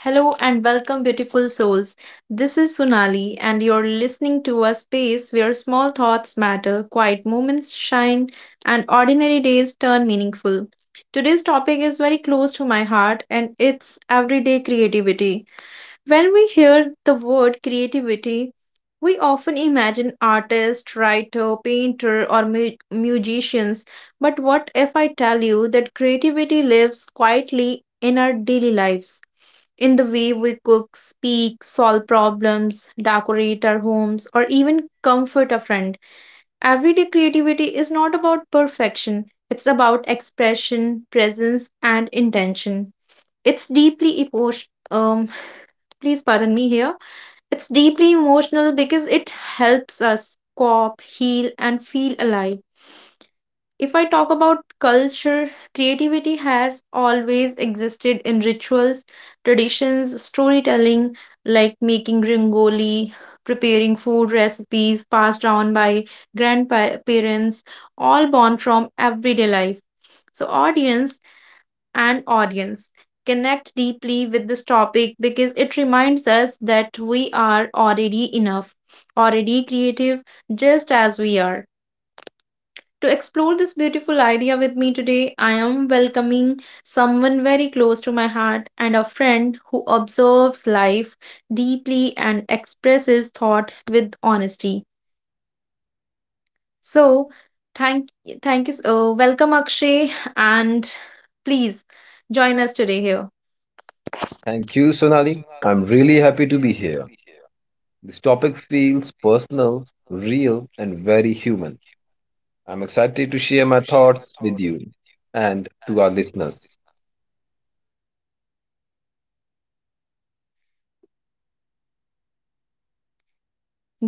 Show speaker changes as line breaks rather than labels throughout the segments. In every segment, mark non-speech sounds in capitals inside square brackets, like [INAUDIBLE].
Hello and welcome, beautiful souls. This is Sunali, and you're listening to a space where small thoughts matter, quiet moments shine, and ordinary days turn meaningful. Today's topic is very close to my heart, and it's everyday creativity. When we hear the word creativity, we often imagine artists, writer, painter, or musicians. But what if I tell you that creativity lives quietly in our daily lives? In the way we cook, speak, solve problems, decorate our homes, or even comfort a friend. Everyday creativity is not about perfection, it's about expression, presence, and intention. It's deeply emotional. Um, Please pardon me here, it's deeply emotional because it helps us cope, heal, and feel alive. If I talk about culture, creativity has always existed in rituals, traditions, storytelling, like making rangoli, preparing food recipes passed down by grandparents, all born from everyday life. So, audience connect deeply with this topic because it reminds us that we are already enough, already creative, just as we are. To explore this beautiful idea with me today, I am welcoming someone very close to my heart and a friend who observes life deeply and expresses thought with honesty. So, thank thank you. So, welcome, Akshay, and please join us today here.
Thank you, Sonali. I'm really happy to be here. This topic feels personal, real, and very human. I'm excited to share my thoughts with you and to our listeners.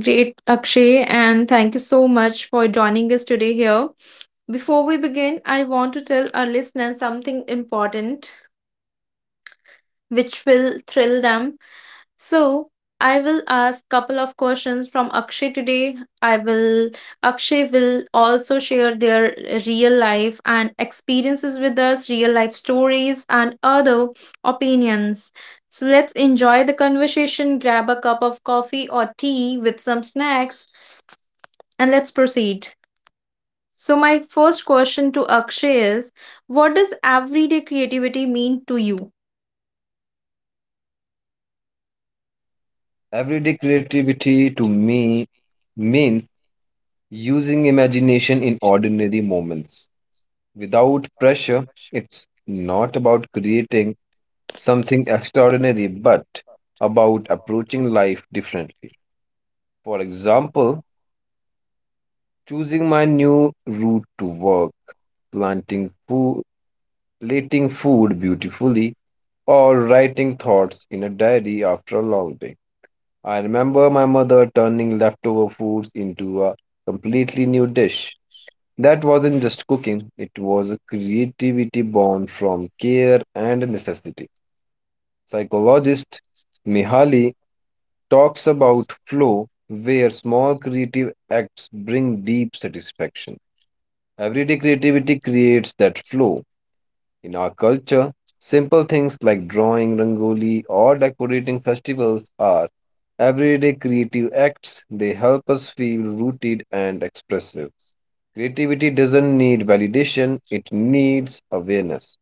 Great, Akshay, and thank you so much for joining us today here. Before we begin, I want to tell our listeners something important which will thrill them. So, I will ask couple of questions from Akshay today. I will Akshay will also share their real life and experiences with us, real life stories and other opinions. So, let's enjoy the conversation, grab a cup of coffee or tea with some snacks, and let's proceed. So, my first question to Akshay is: what does everyday creativity mean to you?
Everyday creativity to me means using imagination in ordinary moments. Without pressure, it's not about creating something extraordinary, but about approaching life differently. For example, choosing my new route to work, planting food, plating food beautifully, or writing thoughts in a diary after a long day. I remember my mother turning leftover foods into a completely new dish. That wasn't just cooking, it was a creativity born from care and necessity. Psychologist Mihaly talks about flow, where small creative acts bring deep satisfaction. Everyday creativity creates that flow. In our culture, simple things like drawing rangoli or decorating festivals are everyday creative acts. They help us feel rooted and expressive. Creativity doesn't need validation, it needs awareness.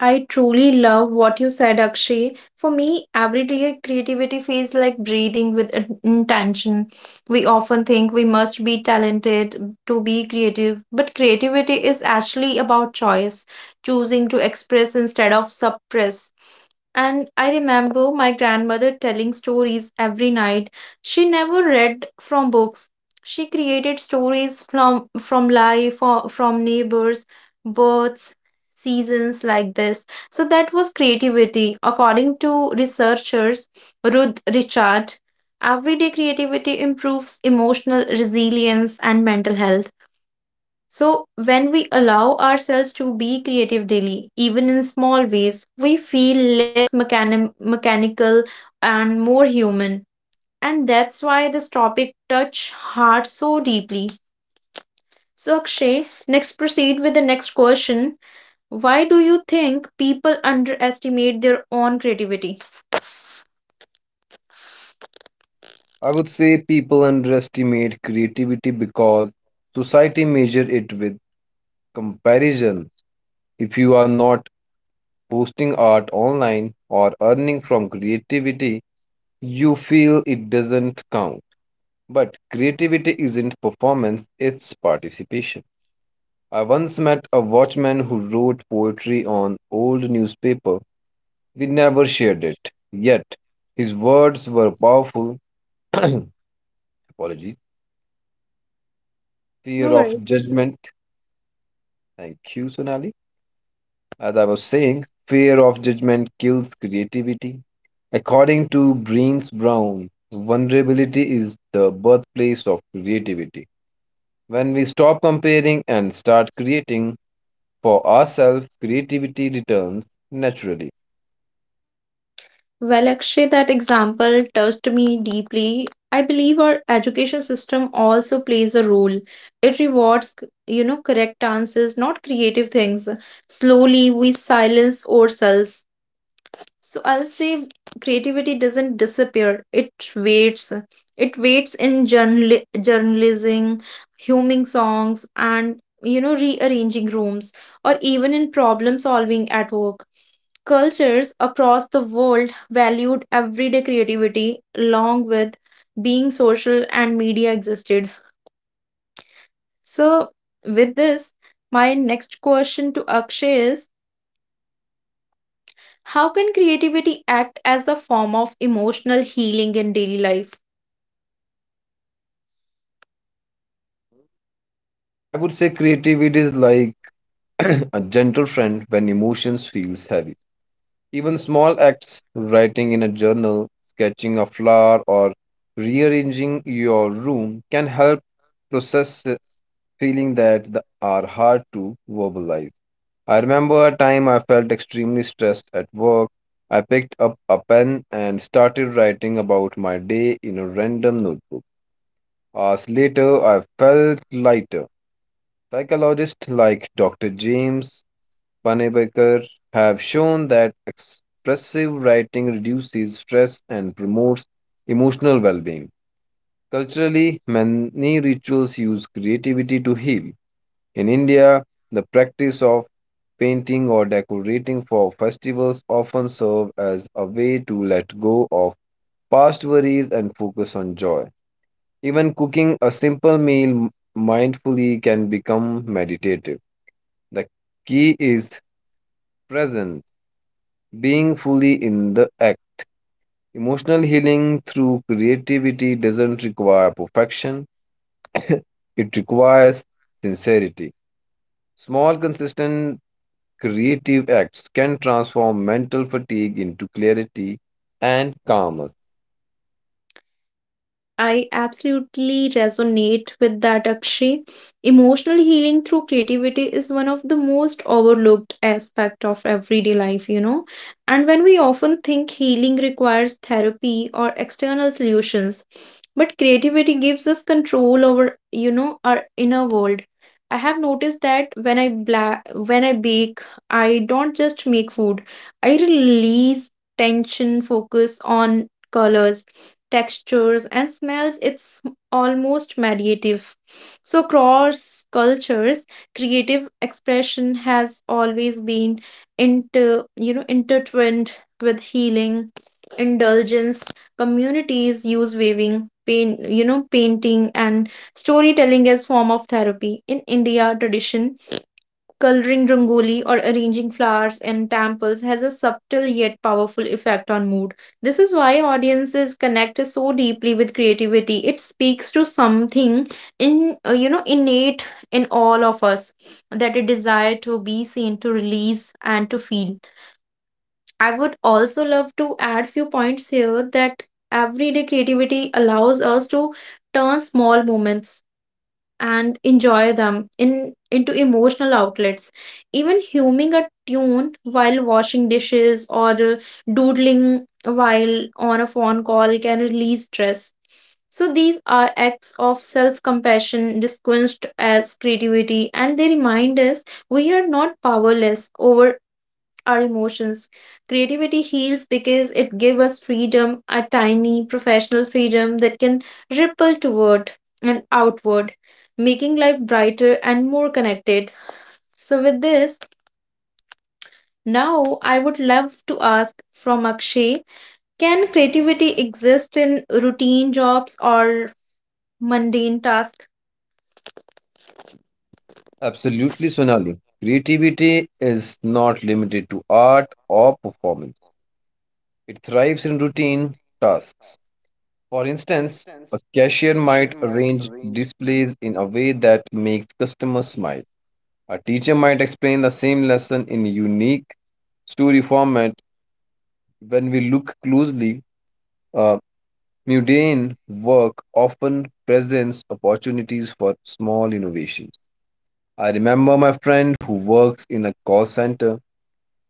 I truly love what you said, Akshay. For me, everyday creativity feels like breathing with intention. We often think we must be talented to be creative, but creativity is actually about choice, choosing to express instead of suppress. And I remember my grandmother telling stories every night. She never read from books. She created stories from life, or from neighbors, birds, seasons like this. So that was creativity. According to researchers Ruth Richard, everyday creativity improves emotional resilience and mental health. So, when we allow ourselves to be creative daily, even in small ways, we feel less mechanical and more human. And that's why this topic touch heart so deeply. So, Akshay, next proceed with the next question. Why do you think people underestimate their own creativity?
I would say people underestimate creativity because society measures it with comparison. If you are not posting art online or earning from creativity, you feel it doesn't count. But creativity isn't performance, it's participation. I once met a watchman who wrote poetry on old newspaper. We never shared it. Yet, his words were powerful. [COUGHS] [CLEARS THROAT] Apologies. Fear
No worries.
of judgment. Thank you, Sonali. As I was saying, fear of judgment kills creativity. According to Brenes Brown, vulnerability is the birthplace of creativity. When we stop comparing and start creating for ourselves, creativity returns naturally.
Well, actually, that example touched me deeply. I believe our education system also plays a role. It rewards, correct answers, not creative things. Slowly, we silence ourselves. So I'll say creativity doesn't disappear. It waits. It waits in journalism, humming songs, and rearranging rooms, or even in problem solving at work. Cultures across the world valued everyday creativity along with being social and media existed. So, with this, my next question to Akshay is: how can creativity act as a form of emotional healing in daily life?
I would say creativity is like [CLEARS THROAT] a gentle friend when emotions feels heavy. Even small acts, writing in a journal, sketching a flower or rearranging your room can help process feeling that are hard to verbalize. I remember a time I felt extremely stressed at work. I picked up a pen and started writing about my day in a random notebook. Hours later, I felt lighter. Psychologists like Dr. James Panebaker have shown that expressive writing reduces stress and promotes emotional well being. Culturally, many rituals use creativity to heal. In India, the practice of painting or decorating for festivals often serve as a way to let go of past worries and focus on joy. Even cooking a simple meal mindfully can become meditative. The key is presence, being fully in the act. Emotional healing through creativity doesn't require perfection, it requires sincerity. Small, consistent creative acts can transform mental fatigue into clarity and calmness.
I absolutely resonate with that, Akshay. Emotional healing through creativity is one of the most overlooked aspect of everyday life. And when we often think healing requires therapy or external solutions, but creativity gives us control over, our inner world. I have noticed that when I bake, I don't just make food. I release tension, focus on colors, textures, and smells. It's almost meditative. So, cross cultures, creative expression has always been intertwined with healing, indulgence. Communities use weaving, painting, and storytelling as form of therapy. In India, tradition, coloring rangoli or arranging flowers in temples has a subtle yet powerful effect on mood. This is why audiences connect so deeply with creativity. It speaks to something in you know innate in all of us, that a desire to be seen, to release, and to feel. I would also love to add few points here, that everyday creativity allows us to turn small moments and enjoy them in into emotional outlets. Even humming a tune while washing dishes or doodling while on a phone call can release stress. So these are acts of self-compassion disguised as creativity, and they remind us we are not powerless over our emotions. Creativity heals because it gives us freedom, a tiny professional freedom that can ripple toward and outward, making life brighter and more connected. So, with this, now I would love to ask from Akshay: can creativity exist in routine jobs or mundane tasks?
Absolutely, Sonali. Creativity is not limited to art or performance, it thrives in routine tasks. For instance, a cashier might arrange displays in a way that makes customers smile. A teacher might explain the same lesson in unique story format. When we look closely, uh, Mundane work often presents opportunities for small innovations. I remember my friend who works in a call center.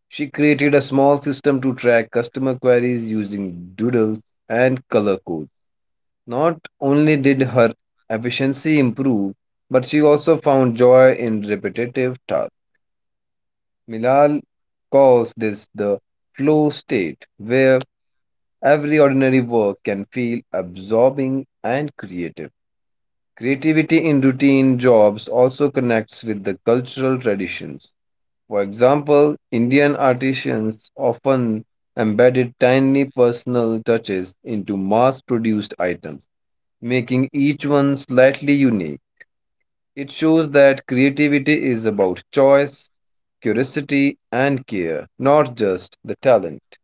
She created a small system to track customer queries using doodles and color codes. Not only did her efficiency improve, but she also found joy in repetitive tasks. Milal calls this the flow state, where every ordinary work can feel absorbing and creative. Creativity in routine jobs also connects with the cultural traditions. For example, Indian artisans often embedded tiny personal touches into mass produced items, making each one slightly unique. It shows that creativity is about choice, curiosity, and care, not just the talent.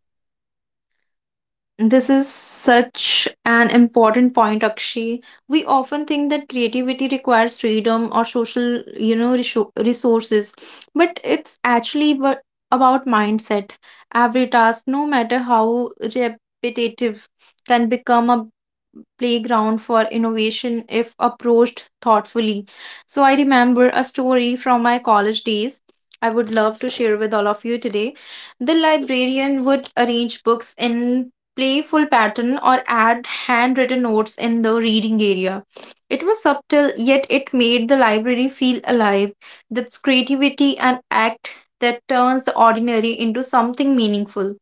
This is such an important point, Akshi. We often think that creativity requires freedom or social, resources, but it's actually about mindset. Every task, no matter how repetitive, can become a playground for innovation if approached thoughtfully. So I remember a story from my college days. I would love to share with all of you today. The librarian would arrange books in playful pattern or add handwritten notes in the reading area. It was subtle, yet it made the library feel alive. That's creativity and act that turns the ordinary into something meaningful.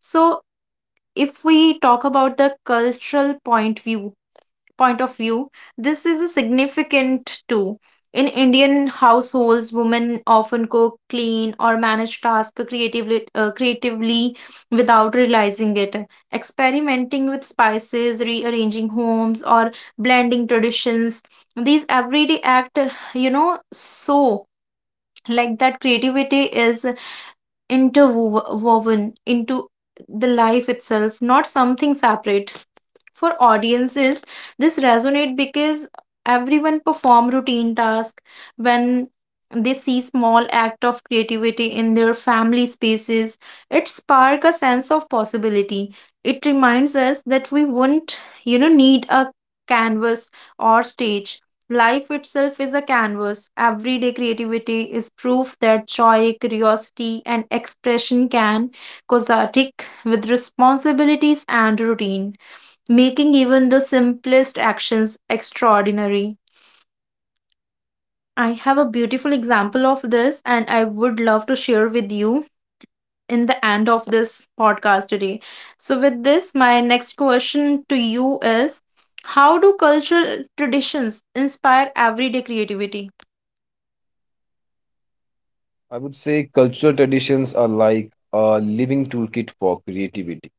So, if we talk about the cultural point of view, this is a significant too. In Indian households, women often cook, clean, or manage tasks creatively without realizing it. Experimenting with spices, rearranging homes, or blending traditions. These everyday act, so like that creativity is interwoven into the life itself, not something separate. For audiences, this resonate because everyone perform routine tasks when they see small act of creativity in their family spaces. It spark a sense of possibility. It reminds us that we wouldn't, need a canvas or stage. Life itself is a canvas. Everyday creativity is proof that joy, curiosity, and expression can coexist with responsibilities and routine, making even the simplest actions extraordinary. I have a beautiful example of this, and I would love to share with you in the end of this podcast today. So, with this, my next question to you is: how do cultural traditions inspire everyday creativity?
I would say cultural traditions are like a living toolkit for creativity.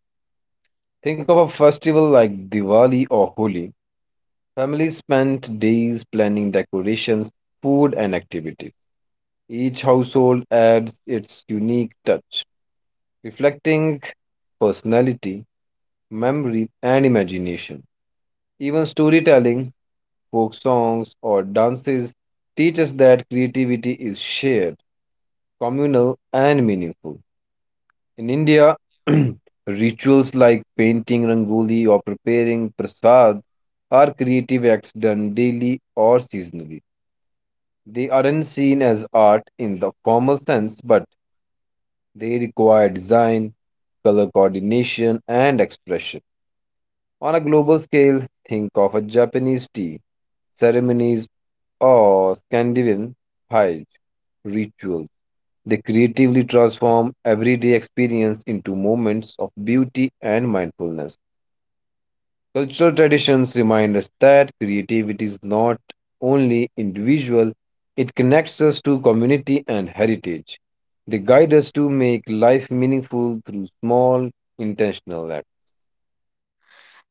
Think of a festival like Diwali or Holi. Families spent days planning decorations, food, and activities. Each household adds its unique touch, reflecting personality, memory, and imagination. Even storytelling, folk songs, or dances teach us that creativity is shared, communal, and meaningful. In India, [CLEARS THROAT] rituals like painting rangoli or preparing prasad are creative acts done daily or seasonally. They aren't seen as art in the formal sense, but they require design, color coordination, and expression. On a global scale, think of a Japanese tea ceremonies or Scandinavian hajj rituals. They creatively transform everyday experience into moments of beauty and mindfulness. Cultural traditions remind us that creativity is not only individual, it connects us to community and heritage. They guide us to make life meaningful through small, intentional acts.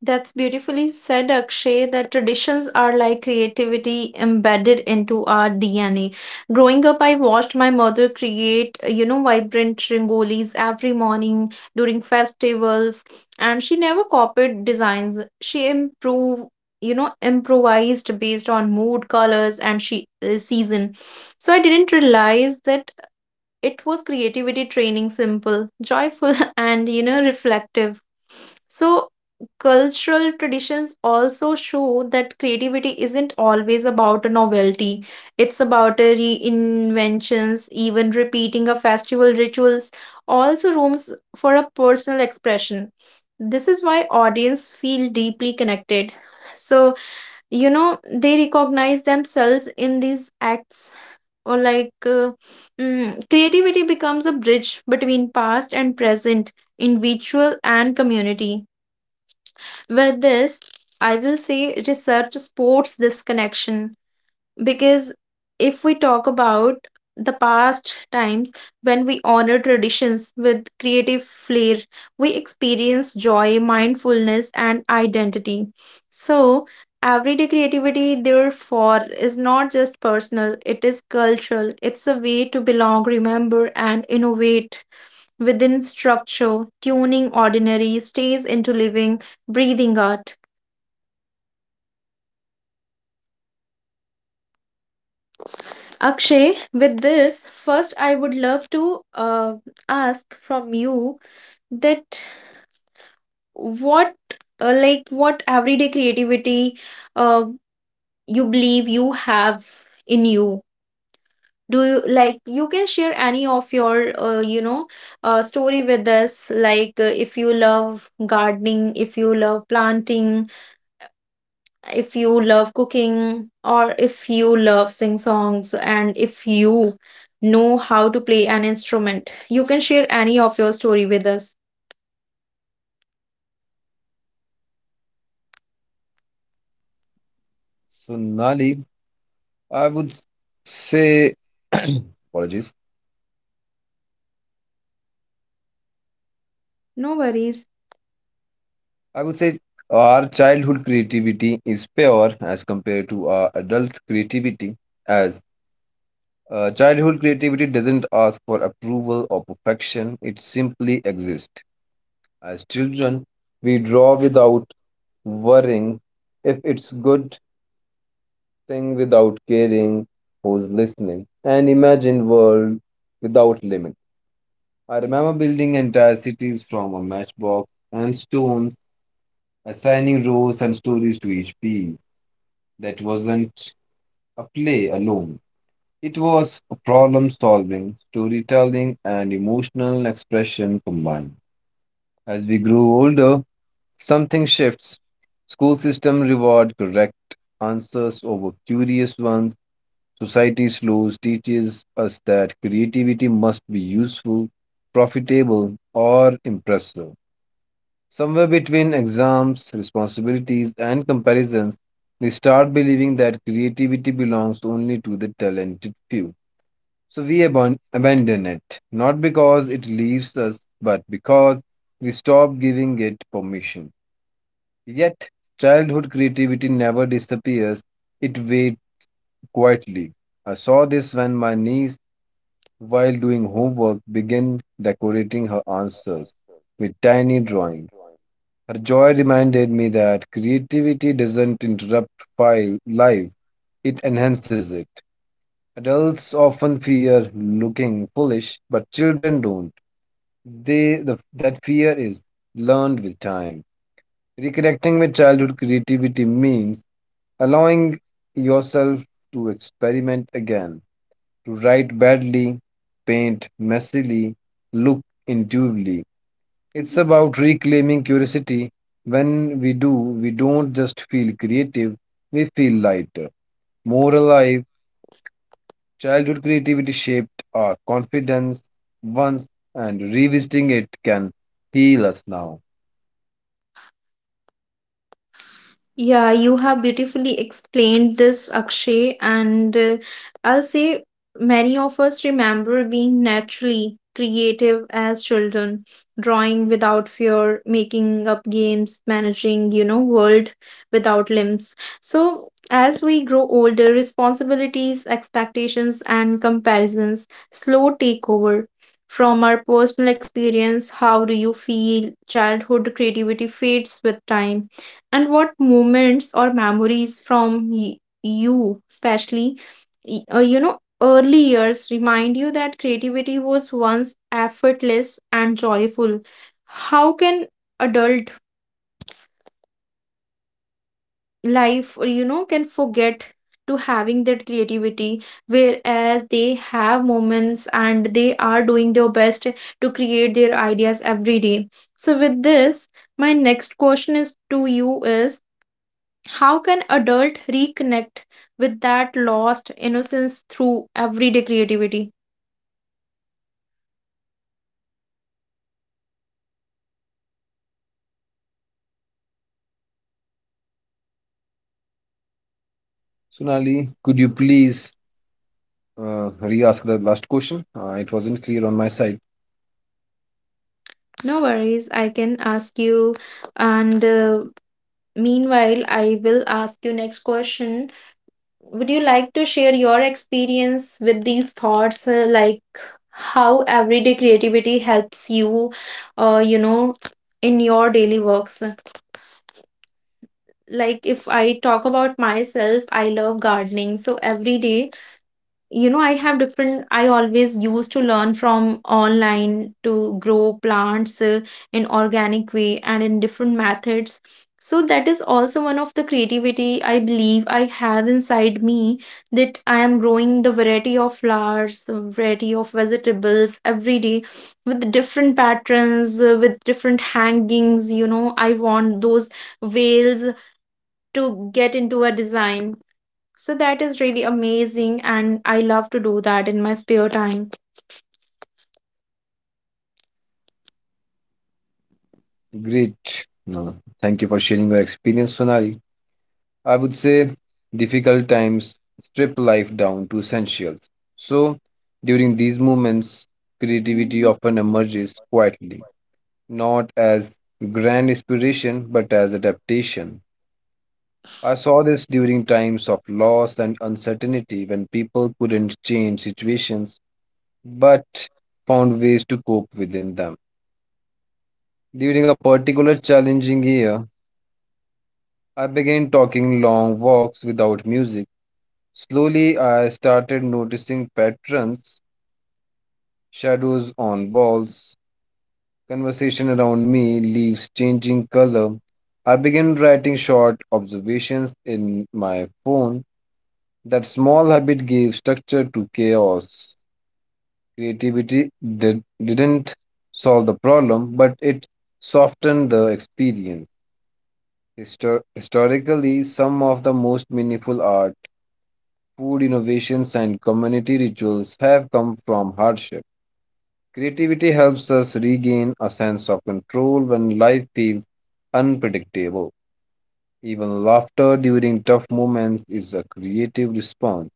That's beautifully said, Akshay, that traditions are like creativity embedded into our DNA. Growing up, I watched my mother create, vibrant rangolis every morning during festivals, and she never copied designs. She improved, improvised based on mood, colors, and she season. So I didn't realize that it was creativity training simple, joyful, [LAUGHS] and reflective. So, cultural traditions also show that creativity isn't always about a novelty. It's about a reinventions, even repeating a festival rituals, also rooms for a personal expression. This is why audience feel deeply connected. So, they recognize themselves in these acts, or like creativity becomes a bridge between past and present, in virtual and community. With this, I will say research supports this connection, because if we talk about the past times when we honor traditions with creative flair, we experience joy, mindfulness, and identity. So, everyday creativity, therefore, is not just personal, it is cultural. It's a way to belong, remember, and innovate within structure, tuning ordinary stays into living, breathing art. Akshay, with this, first I would love to ask from you that what, what everyday creativity uh, you believe you have in you. Do you, like, you can share any of your story with us? Like, if you love gardening, if you love planting, if you love cooking, or if you love sing songs, and if you know how to play an instrument, you can share any of your story with us.
So, Nali, I would say, [CLEARS THROAT] apologies,
No worries.
I would say our childhood creativity is pure as compared to our adult creativity, as childhood creativity doesn't ask for approval or perfection, it simply exists. As children, we draw without worrying if it's good, thing without caring who's listening, and imagine world without limit. I remember building entire cities from a matchbox and stones, assigning roles and stories to each piece. That wasn't a play alone. It was a problem solving, storytelling, and emotional expression combined. As we grew older, something shifts. School system reward correct answers over curious ones. Society slows teaches us that creativity must be useful, profitable, or impressive. Somewhere between exams, responsibilities, and comparisons, we start believing that creativity belongs only to the talented few. So we abandon it, not because it leaves us, but because we stop giving it permission. Yet, childhood creativity never disappears, it waits quietly. I saw this when my niece, while doing homework, began decorating her answers with tiny drawings. Her joy reminded me that creativity doesn't interrupt file life, it enhances it. Adults often fear looking foolish, but children don't. That fear is learned with time. Reconnecting with childhood creativity means allowing yourself to experiment again, to write badly, paint messily, look intuitively. It's about reclaiming curiosity. When we do, we don't just feel creative, we feel lighter, more alive. Childhood creativity shaped our confidence once, and revisiting it can heal us now.
Yeah, you have beautifully explained this, Akshay, and I'll say many of us remember being naturally creative as children, drawing without fear, making up games, managing, world without limbs. So, as we grow older, responsibilities, expectations, and comparisons slow take over. From our personal experience, how do you feel childhood creativity fades with time? And what moments or memories from you, especially, early years remind you that creativity was once effortless and joyful? How can adult life, or, can forget to having that creativity, whereas they have moments and they are doing their best to create their ideas every day? So, with this, my next question is to you is: how can adult reconnect with that lost innocence through everyday creativity?
Sonali, could you please re ask the last question? It wasn't clear on my side.
No worries, I can ask you. And meanwhile, I will ask you next question. Would you like to share your experience with these thoughts, like how everyday creativity helps you, uh, you know, in your daily works? Like if I talk about myself, I love gardening, so every day, I have different I always used to learn from online to grow plants, in organic way and in different methods. So that is also one of the creativity I believe I have inside me, that I am growing the variety of flowers, the variety of vegetables every day, with different patterns, with different hangings. You know, I want those veils to get into a design. So that is really amazing, and I love to do that in my spare time.
Great. No, thank you for sharing your experience, Sonali. I would say difficult times strip life down to essentials. So, during these moments, creativity often emerges quietly, not as grand inspiration, but as adaptation. I saw this during times of loss and uncertainty when people couldn't change situations but found ways to cope within them. During a particular challenging year, I began talking long walks without music. Slowly, I started noticing patterns, shadows on walls, conversation around me, leaves changing color. I began writing short observations in my phone. That small habit gave structure to chaos. Creativity didn't solve the problem, but it softened the experience. Historically, some of the most meaningful art food innovations, and community rituals have come from hardship. Creativity helps us regain a sense of control when life feels unpredictable. Even laughter during tough moments is a creative response.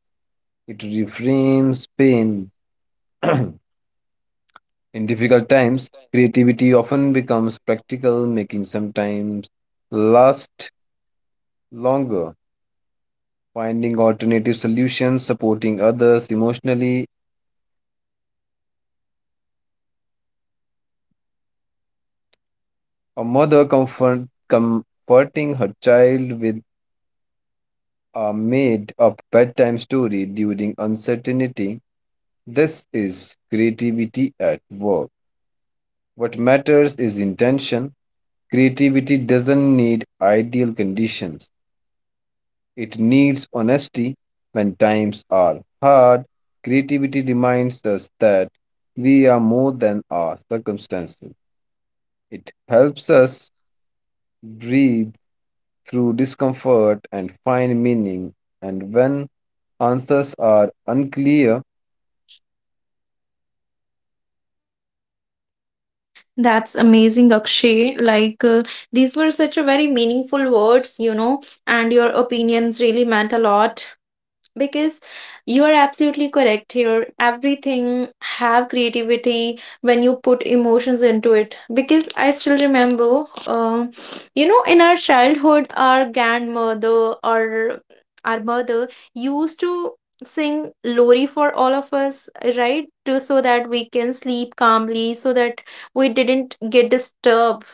It reframes pain. [CLEARS THROAT] In difficult times, creativity often becomes practical, making sometimes last longer. Finding alternative solutions, supporting others emotionally, a mother comfort, comforting her child with a made up bedtime story during uncertainty. This is creativity at work. What matters is intention. Creativity doesn't need ideal conditions, it needs honesty when times are hard. Creativity reminds us that we are more than our circumstances. It helps us breathe through discomfort and find meaning. And when answers are unclear,
That's amazing, Akshay. Like, these were such a very meaningful words, and your opinions really meant a lot. Because you are absolutely correct here, everything have creativity when you put emotions into it. Because I still remember, in our childhood, our grandmother or our mother used to sing lori for all of us, right? to So that we can sleep calmly, so that we didn't get disturbed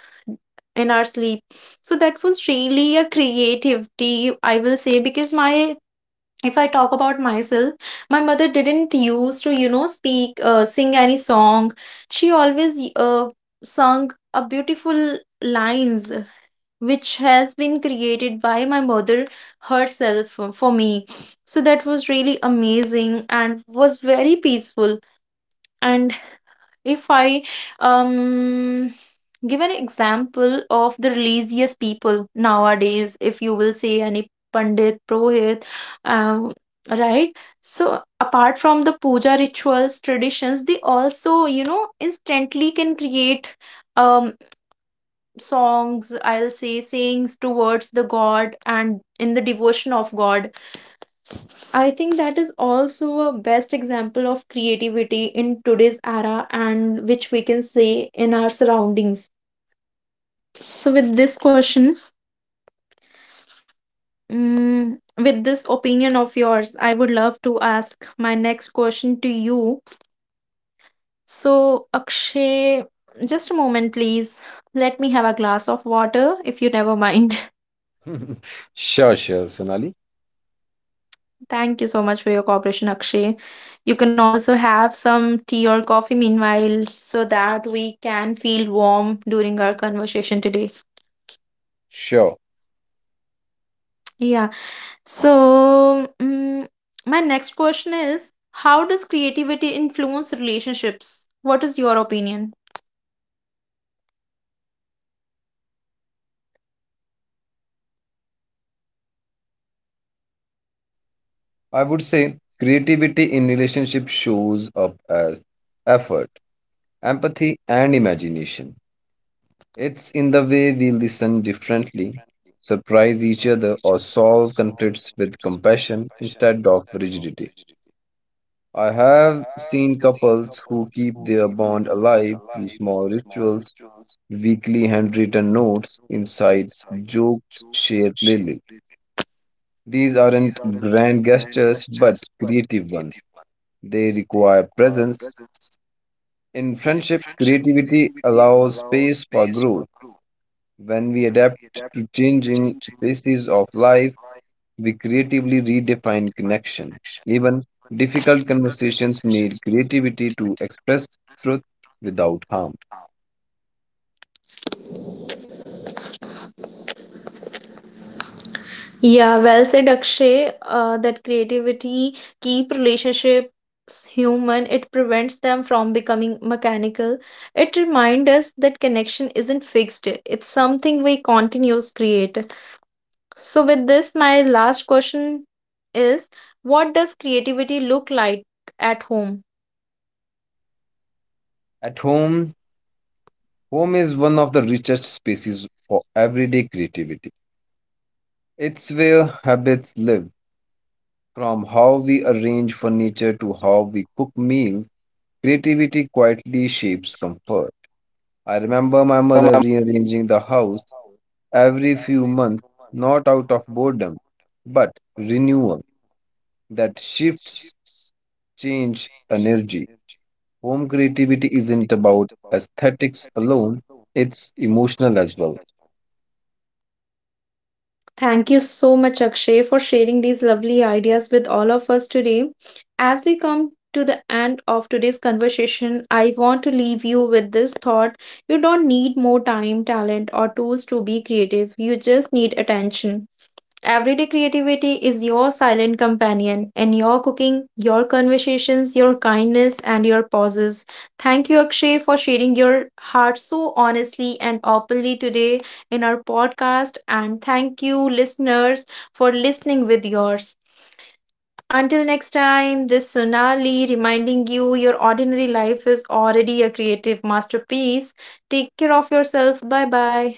in our sleep. So that was really a creativity, I will say. Because my if I talk about myself, my mother didn't used to, speak sing any song. She always sung a beautiful lines, which has been created by my mother herself for me. So that was really amazing and was very peaceful. And if I um give an example of the religious people nowadays, if you will say any Pandit, Prohit, um, right? So apart from the puja rituals, traditions, they also, instantly can create um songs, I'll say sayings towards the God and in the devotion of God. I think that is also a best example of creativity in today's era, and which we can see in our surroundings. So, with this question, with this opinion of yours, I would love to ask my next question to you. So, Akshay, just a moment, please. Let me have a glass of water if you never mind. [LAUGHS]
[LAUGHS] sure, sure, Sonali,
Thank you so much for your cooperation, Akshay. You can also have some tea or coffee meanwhile, so that we can feel warm during our conversation today.
sure.
Yeah. So, my next question is: how does creativity influence relationships? What is your opinion?
I would say creativity in relationship shows up as effort, empathy, and imagination. It's in the way we listen differently, surprise each other, or solve conflicts with compassion instead of rigidity. I have seen couples who keep their bond alive through small rituals weekly handwritten notes inside jokes shared plainly. These aren't grand gestures but creative ones. They require presence. In friendship, creativity allows space for growth. When we adapt to changing phases of life, we creatively redefine connection. Even difficult conversations need creativity to express truth without harm.
Yeah, well said, Akshay. That creativity keep relationships human. It prevents them from becoming mechanical. It reminds us that connection isn't fixed. It's something we continues create. So with this, my last question is, what does creativity look like at home?
At home, home is one of the richest spaces for everyday creativity. It's where habits live. From how we arrange furniture to how we cook meals, creativity quietly shapes comfort. I remember my mother rearranging the house every few months, not out of boredom, but renewal. That shifts change energy. Home creativity isn't about aesthetics alone, it's emotional as well.
Thank you so much, Akshay, for sharing these lovely ideas with all of us today. As we come to the end of today's conversation, I want to leave you with this thought: you don't need more time, talent, or tools to be creative, you just need attention. Everyday creativity is your silent companion in your cooking, your conversations, your kindness, and your pauses. Thank you, Akshay, for sharing your heart so honestly and openly today in our podcast. And thank you, listeners, for listening with yours. Until next time, this Sonali reminding you your ordinary life is already a creative masterpiece. Take care of yourself. Bye bye.